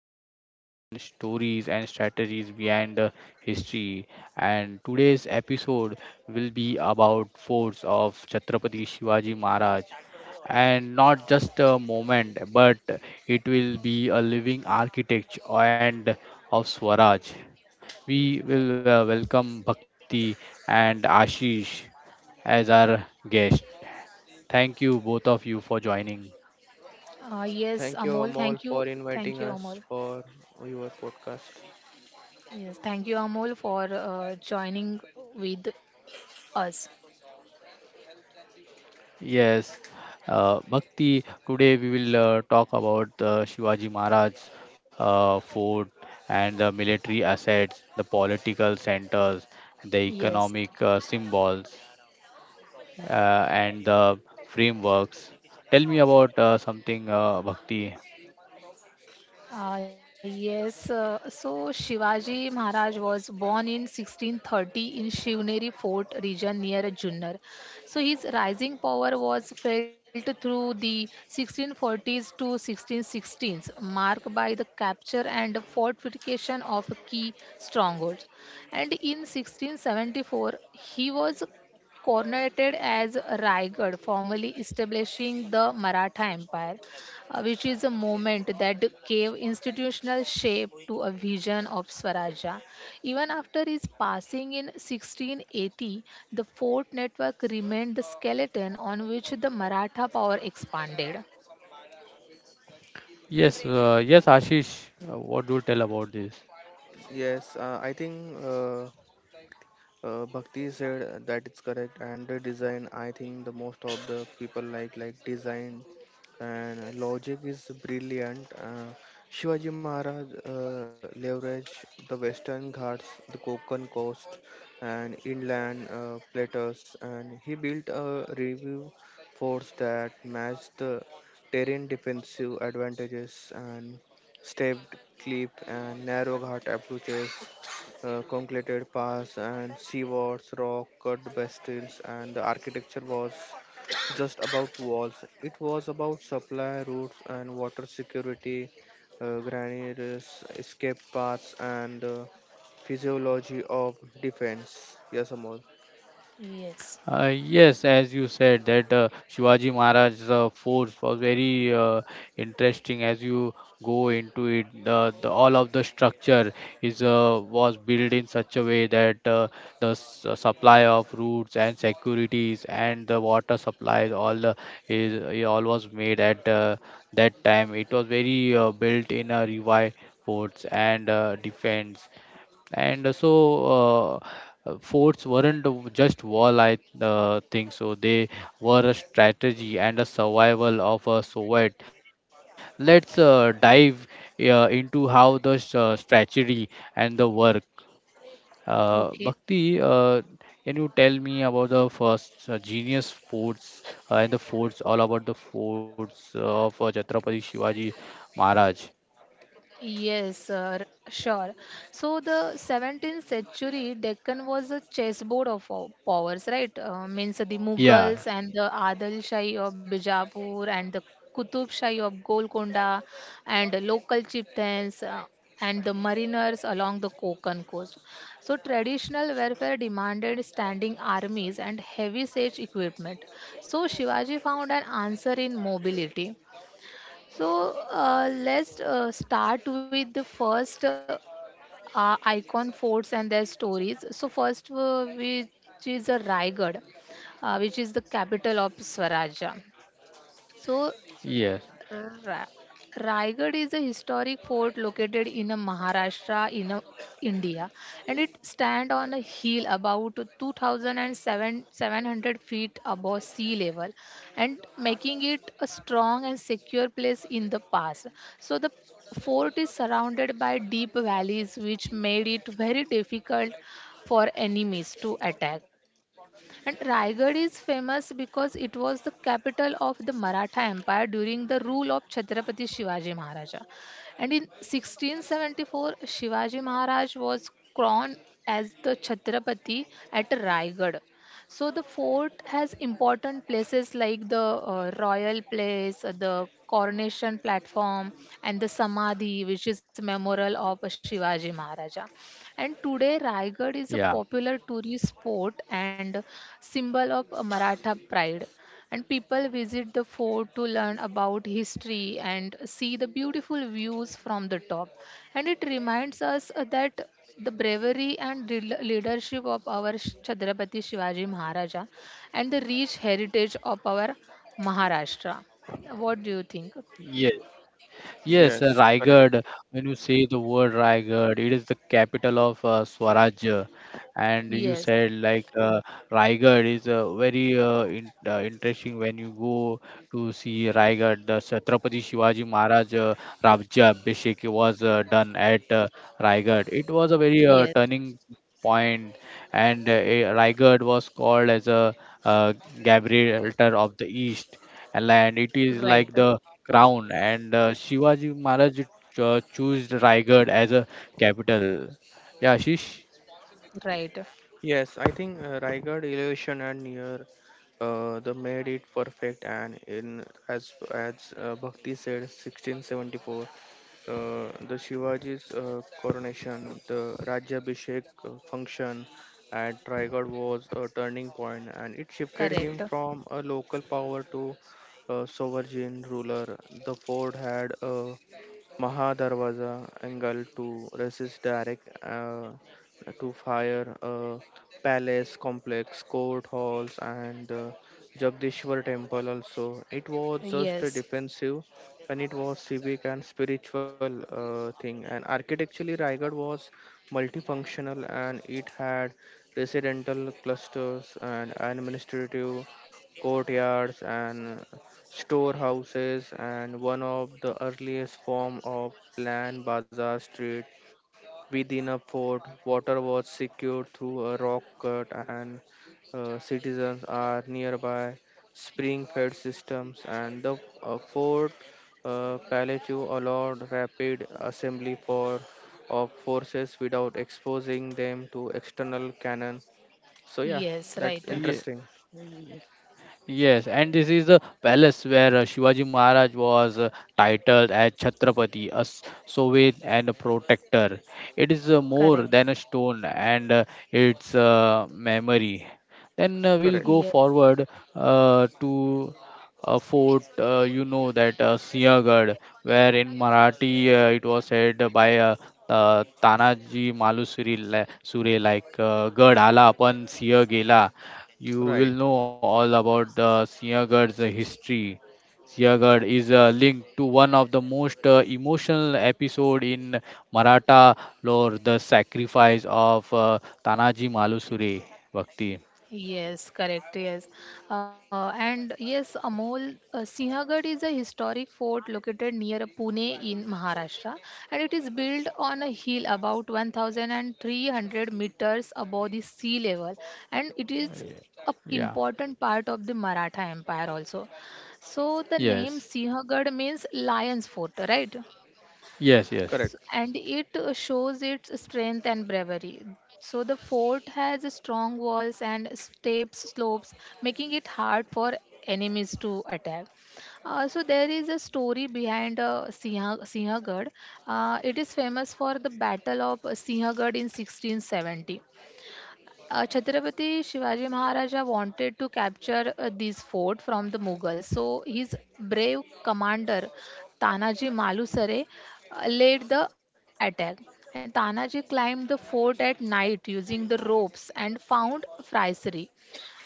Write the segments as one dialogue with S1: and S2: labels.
S1: stones and stories and strategies behind history. And today's episode will be about forts of Chhatrapati Shivaji Maharaj, and not just a moment, but it will be a living architect and of Swaraj. We will welcome Bhakti and Ashish as our guests. Thank you both of you for joining.
S2: Yes,
S3: Thank you,
S2: Amol,
S3: Amol,
S2: thank you.
S3: for inviting
S2: Thank you,
S3: us
S2: Amol.
S3: for your podcast.
S2: Yes, thank you, Amol, for joining with us.
S1: Yes, Bhakti, today we will talk about the Shivaji Maharaj fort and the military assets, the political centers, the
S2: Yes.
S1: economic symbols, and the frameworks. Tell me about something, Bhakti.
S2: Yes, so Shivaji Maharaj was born in 1630 in Shivneri Fort region near Junnar. So his rising power was felt through the 1640s to 1616s, marked by the capture and fortification of key strongholds. And in 1674, he was coronated as Raigad, formally establishing the Maratha Empire, which is a moment that gave institutional shape to a vision of swarajya. Even after his passing in 1680, the fort network remained the skeleton on which the Maratha power expanded.
S1: Yes, Ashish, what do you tell about this?
S3: Yes, I think Bhakti said that it's correct, and the design. I think the most of the people like design and logic is brilliant. Shivaji Maharaj leveraged the Western Ghats, the Konkan coast, and inland plateaus, and he built a review force that matched the terrain defensive advantages and stepped cliff and narrow ghat approaches. Concreted paths and seawards, rock cut bastions, and the architecture was just about walls. It was about supply routes and water security, granaries, escape paths, and physiology of defense. Yes, Amol.
S2: Yes.
S1: Yes, as you said, that Shivaji Maharaj's force was very interesting. As you go into it, the all of the structure is was built in such a way that supply of routes and securities and the water supply, all the is it all was made at that time. It was very built in a revive forts and defense and so, forts weren't just war, I think so. They were a strategy and a survival of a Soviet. Let's dive into how the strategy and the work.
S2: Okay.
S1: Bhakti, can you tell me about the first genius forts and the forts, all about the forts of Chhatrapati Shivaji Maharaj?
S2: Yes, sir, sure. So the 17th century Deccan was a chessboard of powers, right? Means the
S1: Yeah,
S2: Mughals and the Adil Shahi of Bijapur and the Qutub Shahi of Golconda and the local chieftains, and the mariners along the Konkan coast. So traditional warfare demanded standing armies and heavy siege equipment. So Shivaji found an answer in mobility. So, let's start with the first icon forts and their stories. So first, which is a Raigad, which is the capital of Swaraja. So
S1: yes,
S2: Ra- Raigad is a historic fort located in Maharashtra in India, and it stands on a hill about 2,700 feet above sea level and making it a strong and secure place in the past. So the fort is surrounded by deep valleys, which made it very difficult for enemies to attack. And Raigad is famous because it was the capital of the Maratha Empire during the rule of Chhatrapati Shivaji Maharaja. And in 1674, Shivaji Maharaj was crowned as the Chhatrapati at Raigad. So the fort has important places like the royal place, the coronation platform, and the samadhi, which is memorial of Shivaji Maharaja. And today, Raigad is a
S1: yeah,
S2: popular tourist spot and symbol of Maratha pride. And people visit the fort to learn about history and see the beautiful views from the top. And it reminds us that the bravery and leadership of our Chhatrapati Shivaji Maharaja and the rich heritage of our Maharashtra. What do you think?
S1: Yes. Yes,
S3: Yes.
S1: Raigad. When you say the word Raigad, it is the capital of Swarajya. And you
S2: Yes,
S1: said like Raigad is interesting when you go to see Raigad. The Chhatrapati Shivaji Maharaj Abhishek was done at Raigad. It was a very
S2: yes,
S1: turning point, and Raigad was called as a uh, Gabriel of the East. And it is
S2: right,
S1: like the crown, and Shivaji Maharaj chose Raigad as a capital. Yeah, Ashish.
S2: right,
S3: Yes, I think Raigad elevation and near the made it perfect and in as Bhakti said 1674 the Shivaji's coronation, the Rajyabhishek function at Raigad was a turning point, and it shifted
S2: correct.
S3: him from a local power to a sovereign ruler. The fort had a Maha Darwaza angle to resist direct to fire palace complex, court halls, and Jagdishwar temple also. It was just a
S2: Yes,
S3: defensive and it was civic and spiritual thing. And architecturally, Raigad was multifunctional and it had residential clusters and administrative courtyards and storehouses and one of the earliest form of planned bazaar street within a fort water was secured through a rock cut and citizens are nearby spring fed systems and the fort palatue allowed rapid assembly for of forces without exposing them to external cannon, so yeah,
S2: yes, right,
S3: that's
S1: Yeah.
S3: interesting.
S1: Yes, and this is the palace where Shivaji Maharaj was titled as Chhatrapati, a sovereign and a protector. It is more
S2: correct.
S1: than a stone and its memory. Then we'll go
S3: Correct.
S2: Yes,
S1: forward to a fort, you know, that Sinhgad, where in Marathi it was said by Tanaji Malusuri, Sure, like Gad आला पण सिंह गेला, you will know
S3: Right.
S1: all about the Sinhagard's history. Sinhagard is linked to one of the most emotional episode in Maratha lore, the sacrifice of Tanaji Malusure Bhakti.
S2: yes, correct. Yes, and yes, Amol, Sinhagad is a historic fort located near Pune in Maharashtra, and it is built on a hill about 1,300 meters above the sea level, and it is a
S1: Yeah.
S2: important part of the Maratha Empire also. So the name
S1: Yes.
S2: Sinhagad means lion's fort, right?
S1: Yes. Yes.
S3: Correct.
S2: And it shows its strength and bravery. So the fort has strong walls and steep slopes, making it hard for enemies to attack. So there is a story behind Sinhagad. It is famous for the Battle of Sinhagad in 1670. Chhatrapati Shivaji Maharaja wanted to capture this fort from the Mughals. So his brave commander Tanaji Malusare led the attack. And Tanaji climbed the fort at night using the ropes and found Fraiseri.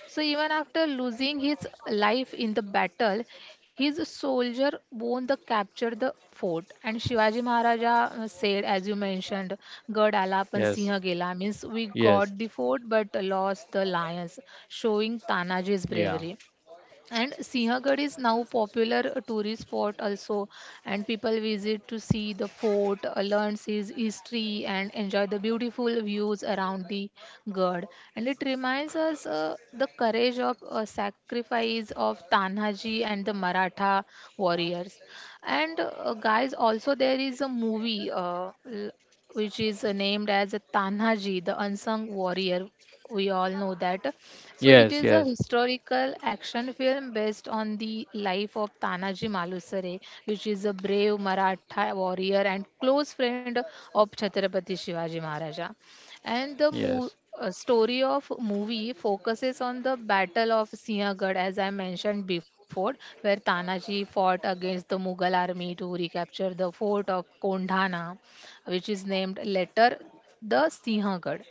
S2: So even after losing his life in the battle, his soldier won the capture the fort. And Shivaji Maharaja said, as you mentioned, Gad ala pan singh
S1: Yes.
S2: gela, means we
S1: Yes.
S2: got the fort but lost the lions, showing Tanaji's
S1: Yeah.
S2: bravery. And Sinhagad is now popular tourist spot also, and people visit to see the fort, learn its history, and enjoy the beautiful views around the god. And it reminds us the courage of sacrifice of Tanhaji and the Maratha warriors. And guys, also there is a movie which is named as Tanhaji, the unsung warrior, we all know that. So it
S1: Yes.
S2: is a
S1: Yes.
S2: historical action film based on the life of Tanaji Malusare, which is a brave Maratha warrior and close friend of Chhatrapati Shivaji Maharaja. And the
S1: Yes.
S2: story of movie focuses on the battle of Sinhagad, as I mentioned before, where Tanaji fought against the Mughal army to recapture the fort of Kondhana, which is named later the Sinhagad.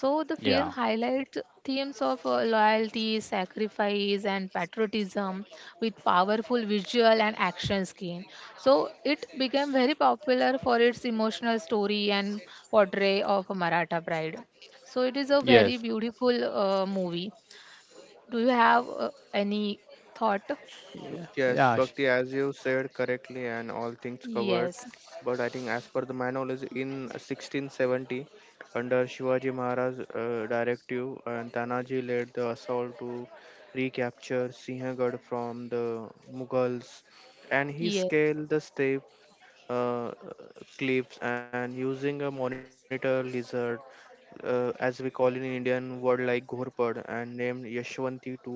S2: So the film
S1: Yeah.
S2: highlights themes of loyalty, sacrifice, and patriotism with powerful visual and action scene. So it became very popular for its emotional story and portray of a Maratha pride. So it is a very
S1: Yes.
S2: beautiful movie. Do you have any thought?
S1: Yeah.
S3: Yes,
S1: Yeah, sure.
S3: Bhakti, as you said correctly, and all things covered.
S2: Yes.
S3: But I think, as per the my knowledge, in 1670, under Shivaji Maharaj directive, and Tanaji led the assault to recapture Sinhagad from the Mughals, and he
S2: Yes.
S3: scaled the step uh, clips and using a monitor lizard, as we call in Indian word like Ghorpad, and named Yashwanti to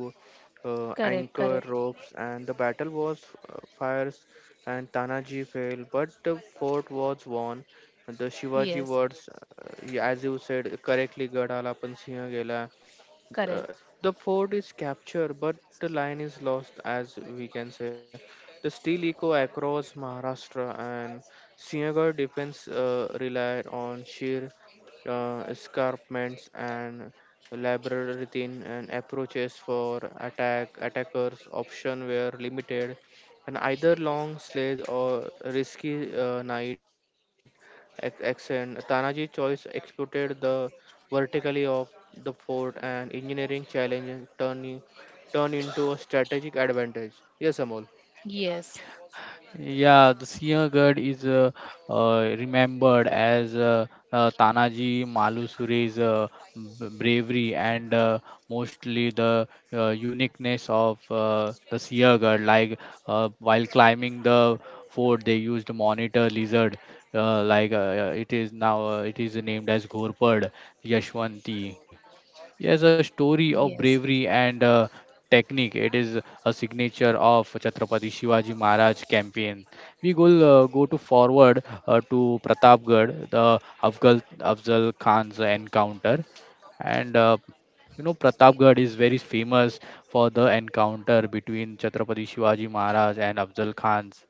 S2: Correct.
S3: anchor
S2: Correct.
S3: ropes. And the battle was fires, and Tanaji fell, but the fort was won. And the Shivaji
S2: Yes.
S3: words, as you said correctly, Gadala पण सिंह गेला, uh,
S2: Correct.
S3: the fort is captured, but the line is lost, as we can say. The steel echo across Maharashtra and Sinhgarh defense relied on sheer escarpments and labyrinthine and approaches for attack. Attackers' options were limited, and either long sledge or risky night accent. Tanaji choice exploited the vertically of the fort and engineering challenges turn into a strategic advantage. Yes, Amol.
S2: Yes.
S1: Yeah, the Siंhgad is remembered as Tanaji Malusure's bravery and mostly the uniqueness of the Siंhgad. Like while climbing the fort, they used monitor lizard. It is now, it is named as Ghorpad Yashwanti. Yes, a story of
S2: Yes.
S1: bravery and technique. It is a signature of Chhatrapati Shivaji Maharaj campaign. We go go to forward to Pratapgarh, the Afgal Afzal Khan's encounter, and you know Pratapgarh is very famous for the encounter between Chhatrapati Shivaji Maharaj and Afzal Khan's.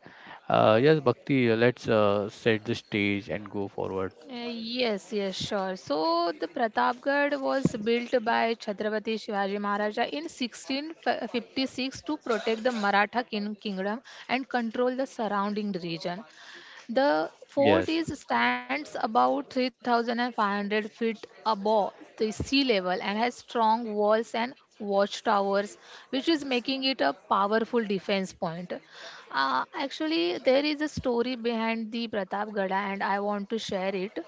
S1: Yes, Bhakti, let's set the stage and go forward.
S2: Yes, yes, sure. So the Pratapgarh was built by Chhatrapati Shivaji Maharaja in 1656 to protect the Maratha kingdom and control the surrounding region. The fort
S1: Yes,
S2: is stands about 3,500 feet above the sea level and has strong walls and watchtowers, which is making it a powerful defense point. Actually, there is a story behind the Pratapgada, and I want to share it.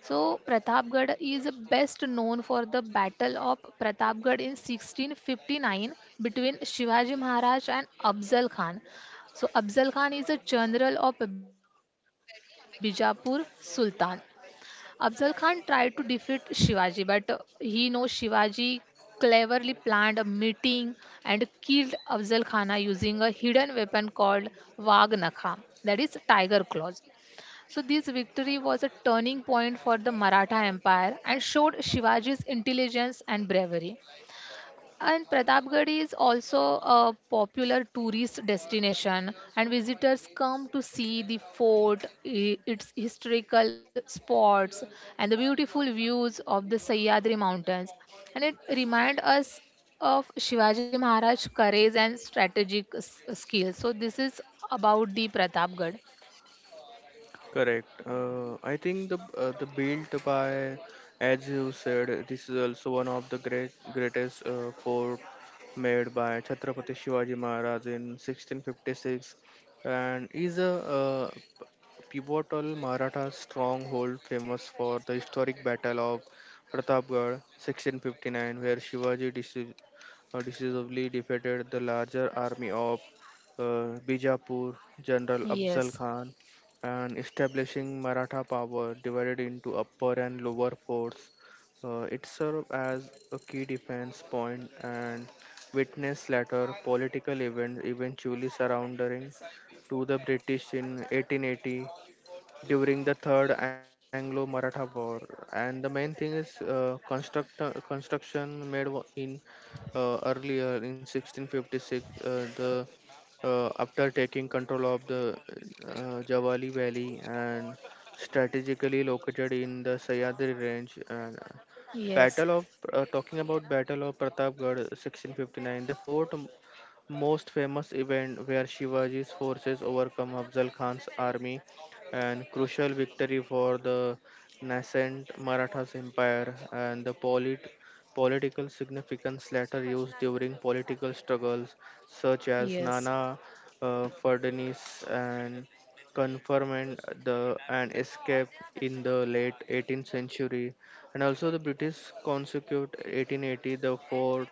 S2: So Pratapgarh is best known for the Battle of Pratapgarh in 1659 between Shivaji Maharaj and Afzal Khan. So Afzal Khan is a general of Bijapur Sultan. Afzal Khan tried to defeat Shivaji, but he knows Shivaji cleverly planned a meeting and killed Afzal Khana using a hidden weapon called Vagnakha, that is tiger claws. So this victory was a turning point for the Maratha Empire and showed Shivaji's intelligence and bravery. And Pratapgarh is also a popular tourist destination, and visitors come to see the fort, its historical spots, and the beautiful views of the Sahyadri Mountains. And it reminds us of Shivaji Maharaj's courage and strategic skills. So this is about the Pratapgarh.
S3: Correct. I think the built by, as you said, this is also one of the greatest fort made by Chhatrapati Shivaji Maharaj in 1656, and is a uh, pivotal Maratha stronghold famous for the historic battle of Pratapgarh 1659, where Shivaji dis decisively defeated the larger army of Bijapur, General Afzal
S2: Yes,
S3: Khan, and establishing Maratha power divided into upper and lower force. It served as a key defense point and witnessed later political events eventually surrendering to the British in 1880 during the third anglo-maratha war. And the main thing is construction in earlier in 1656, the after taking control of the Javali Valley and strategically located in the Sayadri range. And
S2: yes,
S3: Battle of talking about Battle of Pratapgarh 1659, the fort most famous event where Shivaji's forces overcome Afzal Khan's army and crucial victory for the nascent Marathas empire. And the political significance later used during political struggles such as Nana
S2: yes,
S3: Fadnis and confinement the and escape in the late 18th century. And also the british consequent 1880, the fort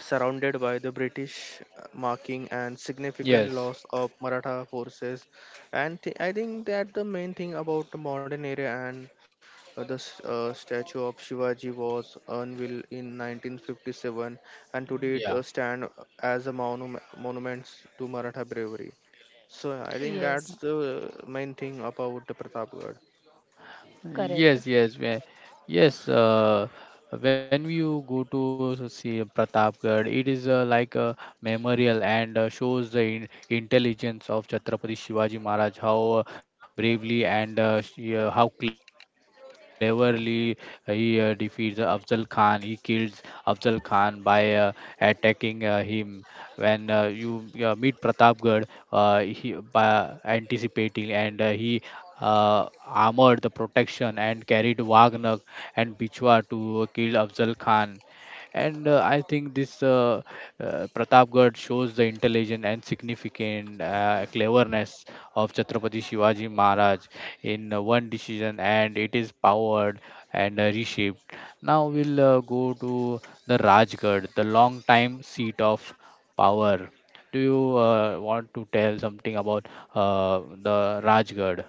S3: surrounded by the British, marking and significant
S1: yes,
S3: loss of Maratha forces. I think that the main thing about the modern era, and the statue of Shivaji was unveiled in 1957, and today it
S1: yeah.
S3: stands as a monument to Maratha bravery. So I think that's
S2: yes.
S3: the main thing about the Pratapgarh.
S2: Correct.
S1: Yes, yes. When you go to see Pratapgarh, it is like a memorial and shows the in intelligence of Chhatrapati Shivaji Maharaj, how bravely and how cleverly he defeats Afzal Khan. He kills Afzal Khan by attacking him when you meet Pratapgarh, he by anticipating and he armored the protection and carried Wagner and Bichwa to kill Afzal Khan. And I think this Pratapgarh shows the intelligence and significant cleverness of Chhatrapati Shivaji Maharaj in one decision, and it is powered and reshaped. Now we'll go to the Rajgarh, the long time seat of power. Do you want to tell something about the Rajgarh?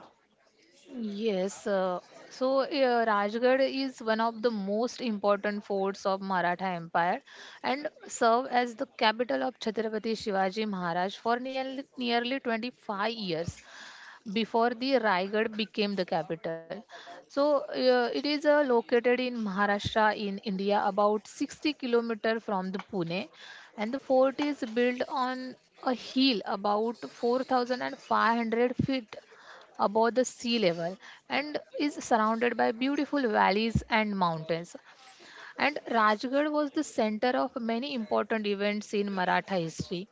S2: Yes, so Rajgarh is one of the most important forts of Maratha Empire and served as the capital of Chhatrapati Shivaji Maharaj for nearly 25 years before the Raigad became the capital. So, it is located in Maharashtra in India, about 60-kilometer from the Pune, and the fort is built on a hill about 4,500 feet above the sea level and is surrounded by beautiful valleys and mountains, and Rajgarh was the center of many important events in Maratha history.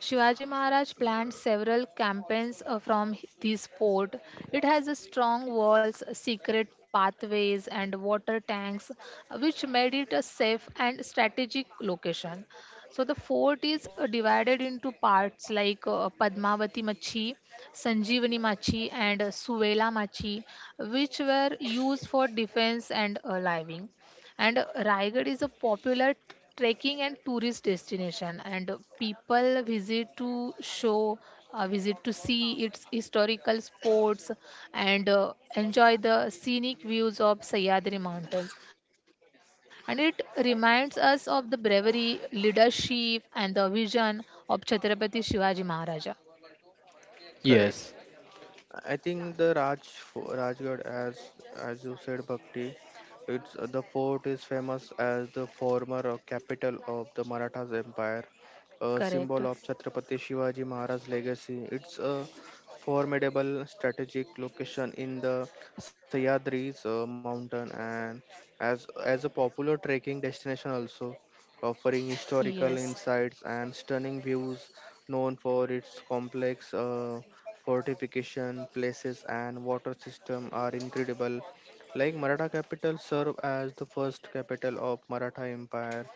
S2: Shivaji Maharaj planned several campaigns from this fort. It has a strong walls, secret pathways, and water tanks, which made it a safe and strategic location. So the fort is divided into parts like Padmavati Machi, Sanjeevani Machi, and Suvela Machi, which were used for defense and living. And Raigad is a popular trekking and tourist destination, and people visit to see its historical spots, and enjoy the scenic views of Sahyadri Mountains. And it reminds us of the bravery, leadership, and the vision of Chhatrapati Shivaji Maharaja.
S3: Correct.
S1: Yes,
S3: I think the Rajgarh, as you said, Bhakti, it's the fort is famous as the former capital of the Marathas Empire, a
S2: Correct?
S3: symbol of Chhatrapati Shivaji Maharaj's legacy. It's a formidable strategic location in the Sahyadris mountain and as a popular trekking destination also, offering
S2: Yes.
S3: historical insights and stunning views known for its complex. Fortification places and water system are incredible, like maratha capital served as the first capital of maratha empire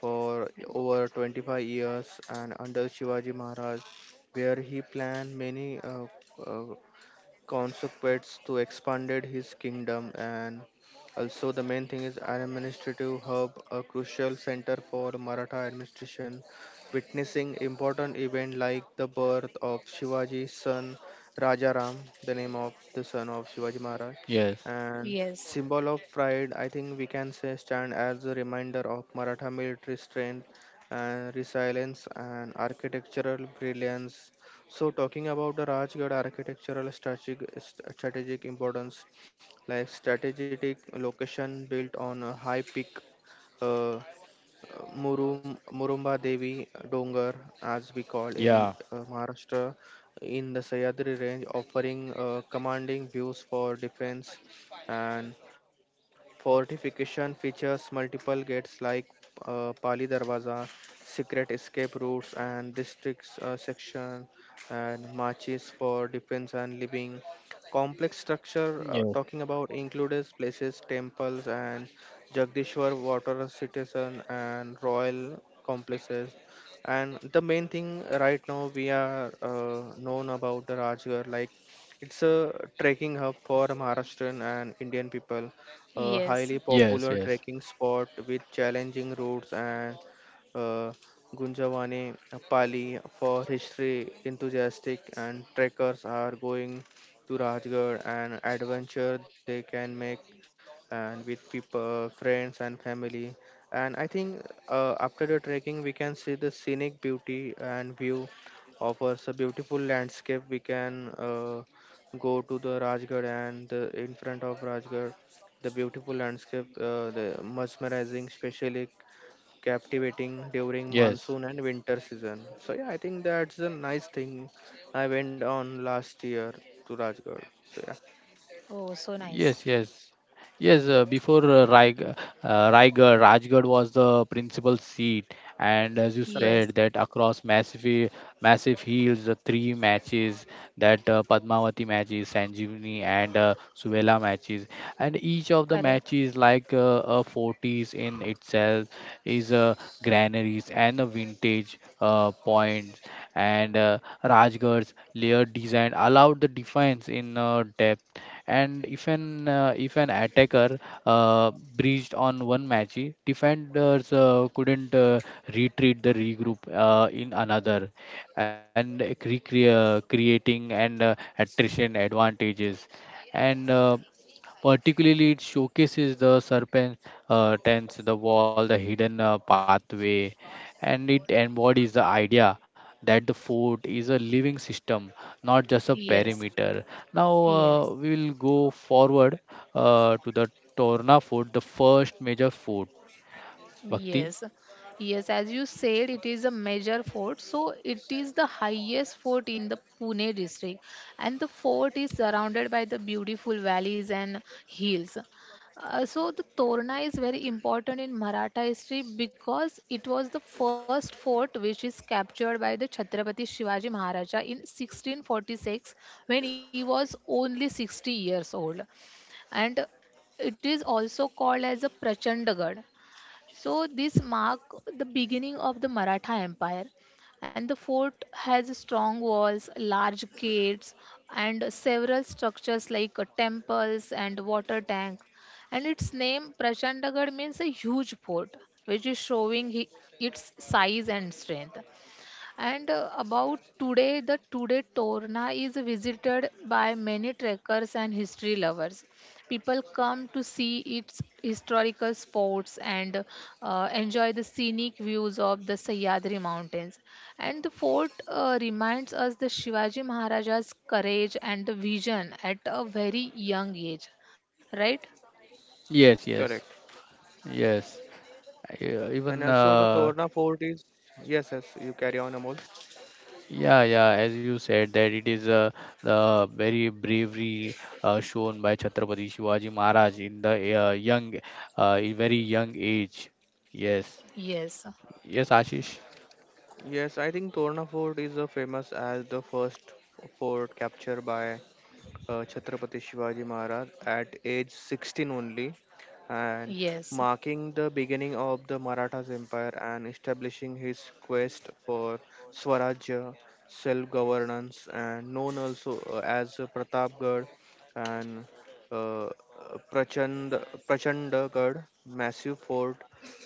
S3: for over 25 years and under shivaji maharaj where he planned many uh, Consequence to expanded his kingdom. And also the main thing is an administrative hub, a crucial center for Maratha administration, witnessing important event like the birth of Shivaji's son Rajaram, the name of the son of Shivaji Maharaj,
S1: yes,
S3: and
S2: Yes.
S3: symbol of pride. I think we can say stand as a reminder of Maratha military strength and resilience and architectural brilliance. So, talking about the Rajgarh architectural strategic, strategic importance, like strategic location built on a high peak, uh, Murumba Devi Dongar, as we call in
S1: yeah,
S3: Maharashtra, in the Sahyadri range, offering commanding views for defense and fortification features multiple gates like Pali Darwaza, secret escape routes, and districts section, and marches for defense and living. Complex structure
S1: yes,
S3: talking about includes places, temples, and Jagdishwar water citizen and royal complexes. And the main thing right now we are known about the Rajgarh, like it's a trekking hub for Maharashtrian and Indian people, a
S2: Yes.
S3: highly
S1: yes,
S3: popular
S1: yes,
S3: trekking spot with challenging routes and uh, Gunjavani, Pali for history enthusiastic and trekkers are going to Rajgarh and adventure they can make and with people, friends, and family. And I think after the trekking, we can see the scenic beauty and view offers a beautiful landscape. We can go to the Rajgarh and the, in front of Rajgarh, the beautiful landscape, the mesmerizing, especially captivating during
S1: yes.
S3: monsoon and winter season. So yeah, I think that's a nice thing. I went on last year to Rajgarh. So yeah,
S2: Oh, so nice.
S1: Yes, yes. Yes, before Raigad, Rajgarh was the principal seat, and as you
S3: correct.
S2: Yes,
S1: said that across massive hills, the three matches that Padmavati matches, Sanjeevani and Suvela matches, and each of the
S2: correct.
S1: matches like a forties in itself is a granaries and a vintage ridge points, and Rajgarh's layered design allowed the defense in depth. And if an attacker uh, breached on one match, defenders couldn't retreat the regroup in another, and creating and attrition advantages. And particularly it showcases the serpent tents the wall the hidden pathway, and it embodies the idea that the fort is a living system, not just a
S2: Yes,
S1: perimeter. Now
S2: yes,
S1: we will go forward to the Torna Fort, the first major fort. Bhakti?
S2: yes, yes, as you said, it is a major fort. So it is the highest fort in the Pune district, and the fort is surrounded by the beautiful valleys and hills. So the Torna is very important in Maratha history because it was the first fort which is captured by the Chhatrapati Shivaji Maharaja in 1646 when he was only 60 years old, and it is also called as a Prachandagarh. So this marked the beginning of the Maratha Empire, and the fort has strong walls, large gates, and several structures like temples and water tank. And its name Prachandagad means a huge fort, which is showing its size and strength. And about today, the today Torna is visited by many trekkers and history lovers. People come to see its historical spots and enjoy the scenic views of the Sahyadri Mountains. And the fort reminds us the Shivaji Maharaja's courage and the vision at a very young age, right?
S1: Yes,
S3: Correct.
S1: yes, yes. Yeah,
S3: And
S1: even
S3: also the Torna Fort is yes, yes, you carry on, Amol.
S1: yeah, yeah. As you said, that it is the very bravery shown by Chhatrapati Shivaji Maharaj in the very young age. Yes,
S2: Yes,
S1: yes, Ashish.
S3: Yes, I think Torna Fort is famous as the first fort captured by Chhatrapati Shivaji Maharaj at age 16 only and
S2: yes,
S3: marking the beginning of the Marathas Empire and establishing his quest for Swarajya, self-governance, and known also as Pratapgarh and uh, Prachand, Prachandagarh, massive fort,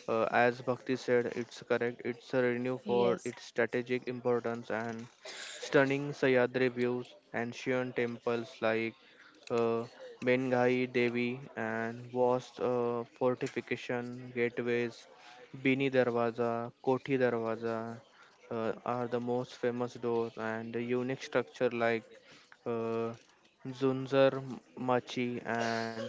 S3: as Bhakti said, it's correct. It's a renew for
S2: yes,
S3: its strategic importance and stunning Sayadri views, ancient temples like uh, Menghai Devi and vast fortification gateways, Bini Darwaza, Koti Darwaza are the most famous doors, and the unique structure like uh, Zunzar Machi and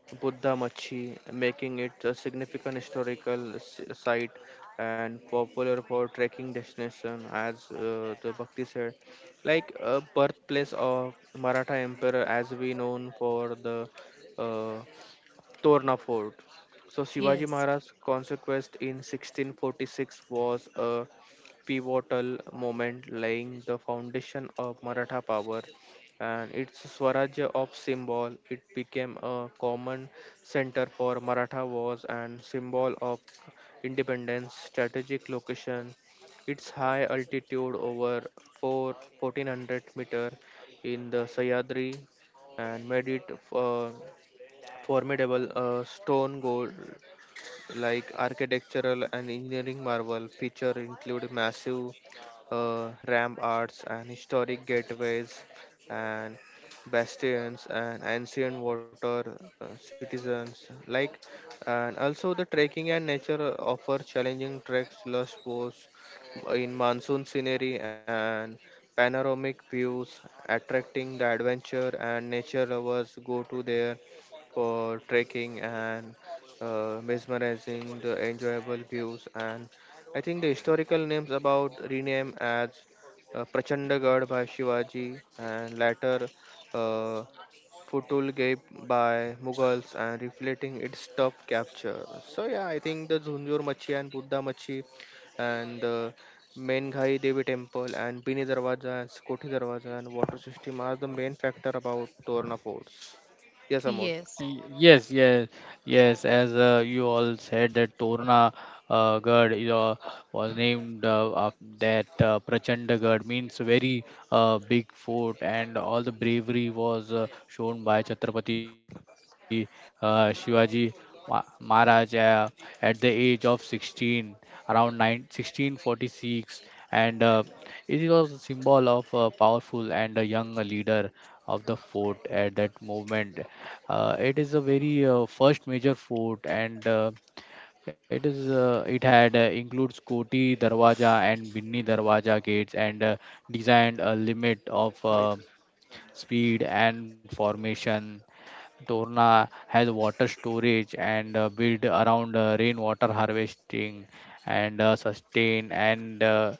S3: Buddha Machi, making it a significant historical site and popular for trekking destination, as the Bhakti said. Like a birthplace of Maratha Emperor, as we known for the uh, Torna Fort. So Shivaji
S2: yes,
S3: Maharaj's conquest in 1646 was a pivotal moment laying the foundation of Maratha power and its Swarajya of symbol. It became a common center for Maratha wars and symbol of independence, strategic location. Its high altitude over 4, 1400 meter in the Sayadri and made it a formidable stone goal, like architectural and engineering marvel feature include massive ramparts and historic gateways and bastions and ancient water citizens like. And also the trekking and nature offer challenging treks lush sports in monsoon scenery and panoramic views attracting the adventure and nature lovers go to there for trekking and mesmerizing, the enjoyable views, and I think the historical names about rename as Prachandagarh by Shivaji and later uh, Futulgate by Mughals and reflecting its tough capture. So yeah, I think the Zunjur Machi and Buddha Machi and the Menghai Devi Temple and Bini Darwaza and Koti Darwaza and water system are the main factor about Torna forts. Yes, Amol.
S2: yes.
S1: Yes, yes, yes. As you all said, that Torna Gad is, was named of that Prachanda Gad means very big fort, and all the bravery was shown by Chhatrapati Shivaji Maharaj at the age of 16, around 9 1646, and it was a symbol of a powerful and a young leader of the fort at that moment. It is a very first major fort, and it is it had includes Koti Darwaja and Binni Darwaja gates, and designed a limit of
S3: Wait.
S1: speed and formation. Torna has water storage and built around rainwater harvesting and sustain and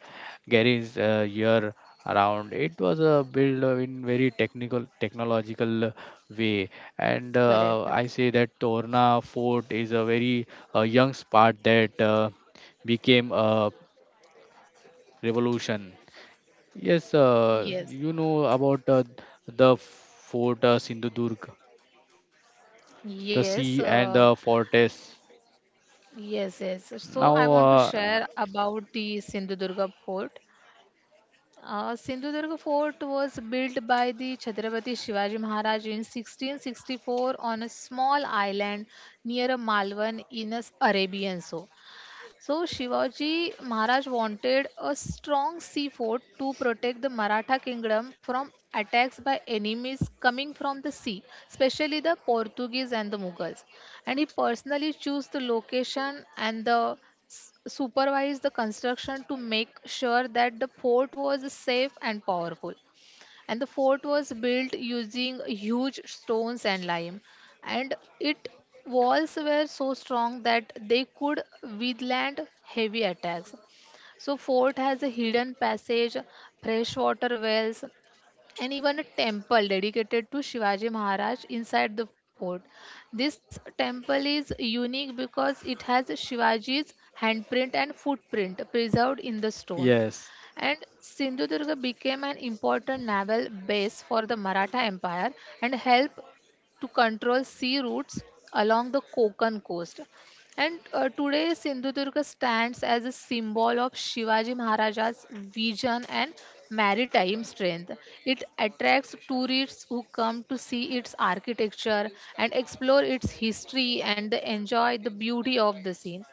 S1: carries year around. It was built in very technical technological way, and
S2: Correct.
S1: I say that Torna Fort is a very young spot that became a revolution. Yes, you
S2: Yes.
S1: know about the fort Sindhudurg, the
S2: Yes,
S1: sea and the fortress.
S2: yes, yes. So I
S1: Now,
S2: want to share about the Sindhudurga fort. Sindhudurga fort was built by the Chhatrapati Shivaji Maharaj in 1664 on a small island near a Malvan in a Arabian Sea. So Shivaji Maharaj wanted a strong sea fort to protect the Maratha kingdom from attacks by enemies coming from the sea, especially the Portuguese and the Mughals. And he personally chose the location and the supervised the construction to make sure that the fort was safe and powerful, and the fort was built using huge stones and lime, and its walls were so strong that they could withstand heavy attacks. So fort has a hidden passage, freshwater wells, and even a temple dedicated to Shivaji Maharaj inside the fort. This temple is unique because it has Shivaji's handprint and footprint preserved in the stone.
S1: yes.
S2: And Sindhudurga became an important naval base for the Maratha Empire and helped to control sea routes along the Konkan coast. And today, Sindhudurga stands as a symbol of Shivaji Maharaja's vision and maritime strength. It attracts tourists who come to see its architecture and explore its history and enjoy the beauty of the scene.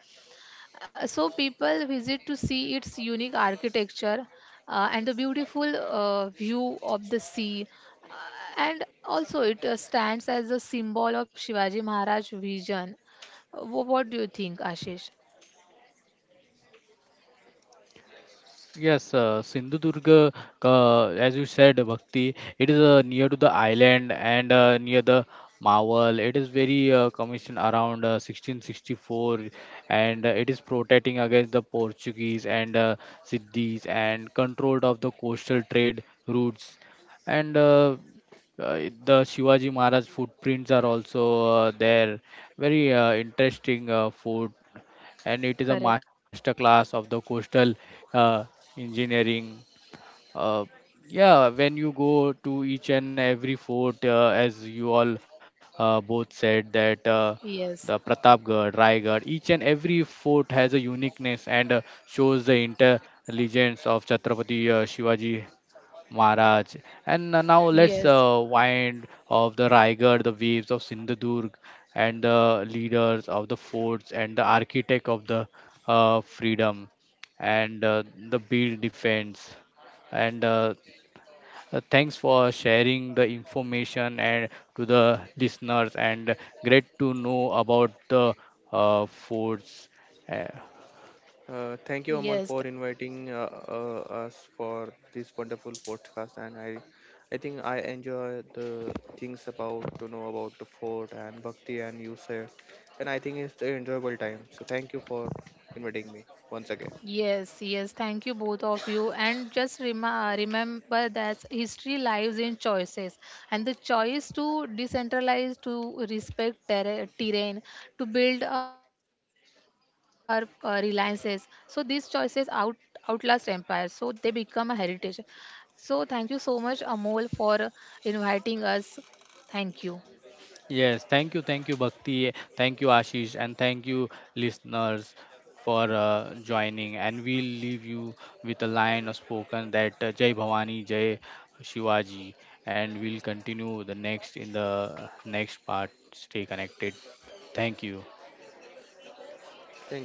S2: So people visit to see its unique architecture, and the beautiful view of the sea. And also it stands as a symbol of Shivaji Maharaj vision. What do you think, Ashish?
S1: Yes, Sindhudurg, as you said, Bhakti, it is near to the island and near the Mawal. It is very commissioned around 1664, and it is protecting against the Portuguese and Siddhis and controlled of the coastal trade routes. And the Shivaji Maharaj footprints are also there. Very interesting foot, and it is a
S2: Correct.
S1: master class of the coastal uh, engineering. Uh, yeah, when you go to each and every fort, as you all both said that the
S2: Yes.
S1: Pratapgarh, Raigad, each and every fort has a uniqueness and shows the intelligence of Chhatrapati Shivaji Maharaj. And now let's
S2: Yes.
S1: wind of the Raigad, the waves of Sindhudurg, and the leaders of the forts and the architect of the freedom and the build defense. And thanks for sharing the information and to the listeners. And great to know about the forts. Uh,
S3: Thank you, Amal,
S2: Yes.
S3: for inviting us for this wonderful podcast. I think I enjoy the things about to know about the fort and Bhakti and you sir. And I think it's an enjoyable time. So thank you for inviting me once again.
S2: Yes, yes. Thank you, both of you. And just rema remember that history lies in choices, and the choice to decentralize, to respect terrain, to build our reliances. So these choices outlast empire. So they become a heritage. So thank you so much, Amol, for inviting us. Thank you.
S1: Yes, thank you, Bhakti, thank you, Ashish, and thank you, listeners, for joining. And we'll leave you with a line of spoken that Jai Bhavani, Jai Shivaji, and we'll continue the next in the next part. Stay connected. Thank you.
S3: Thank you.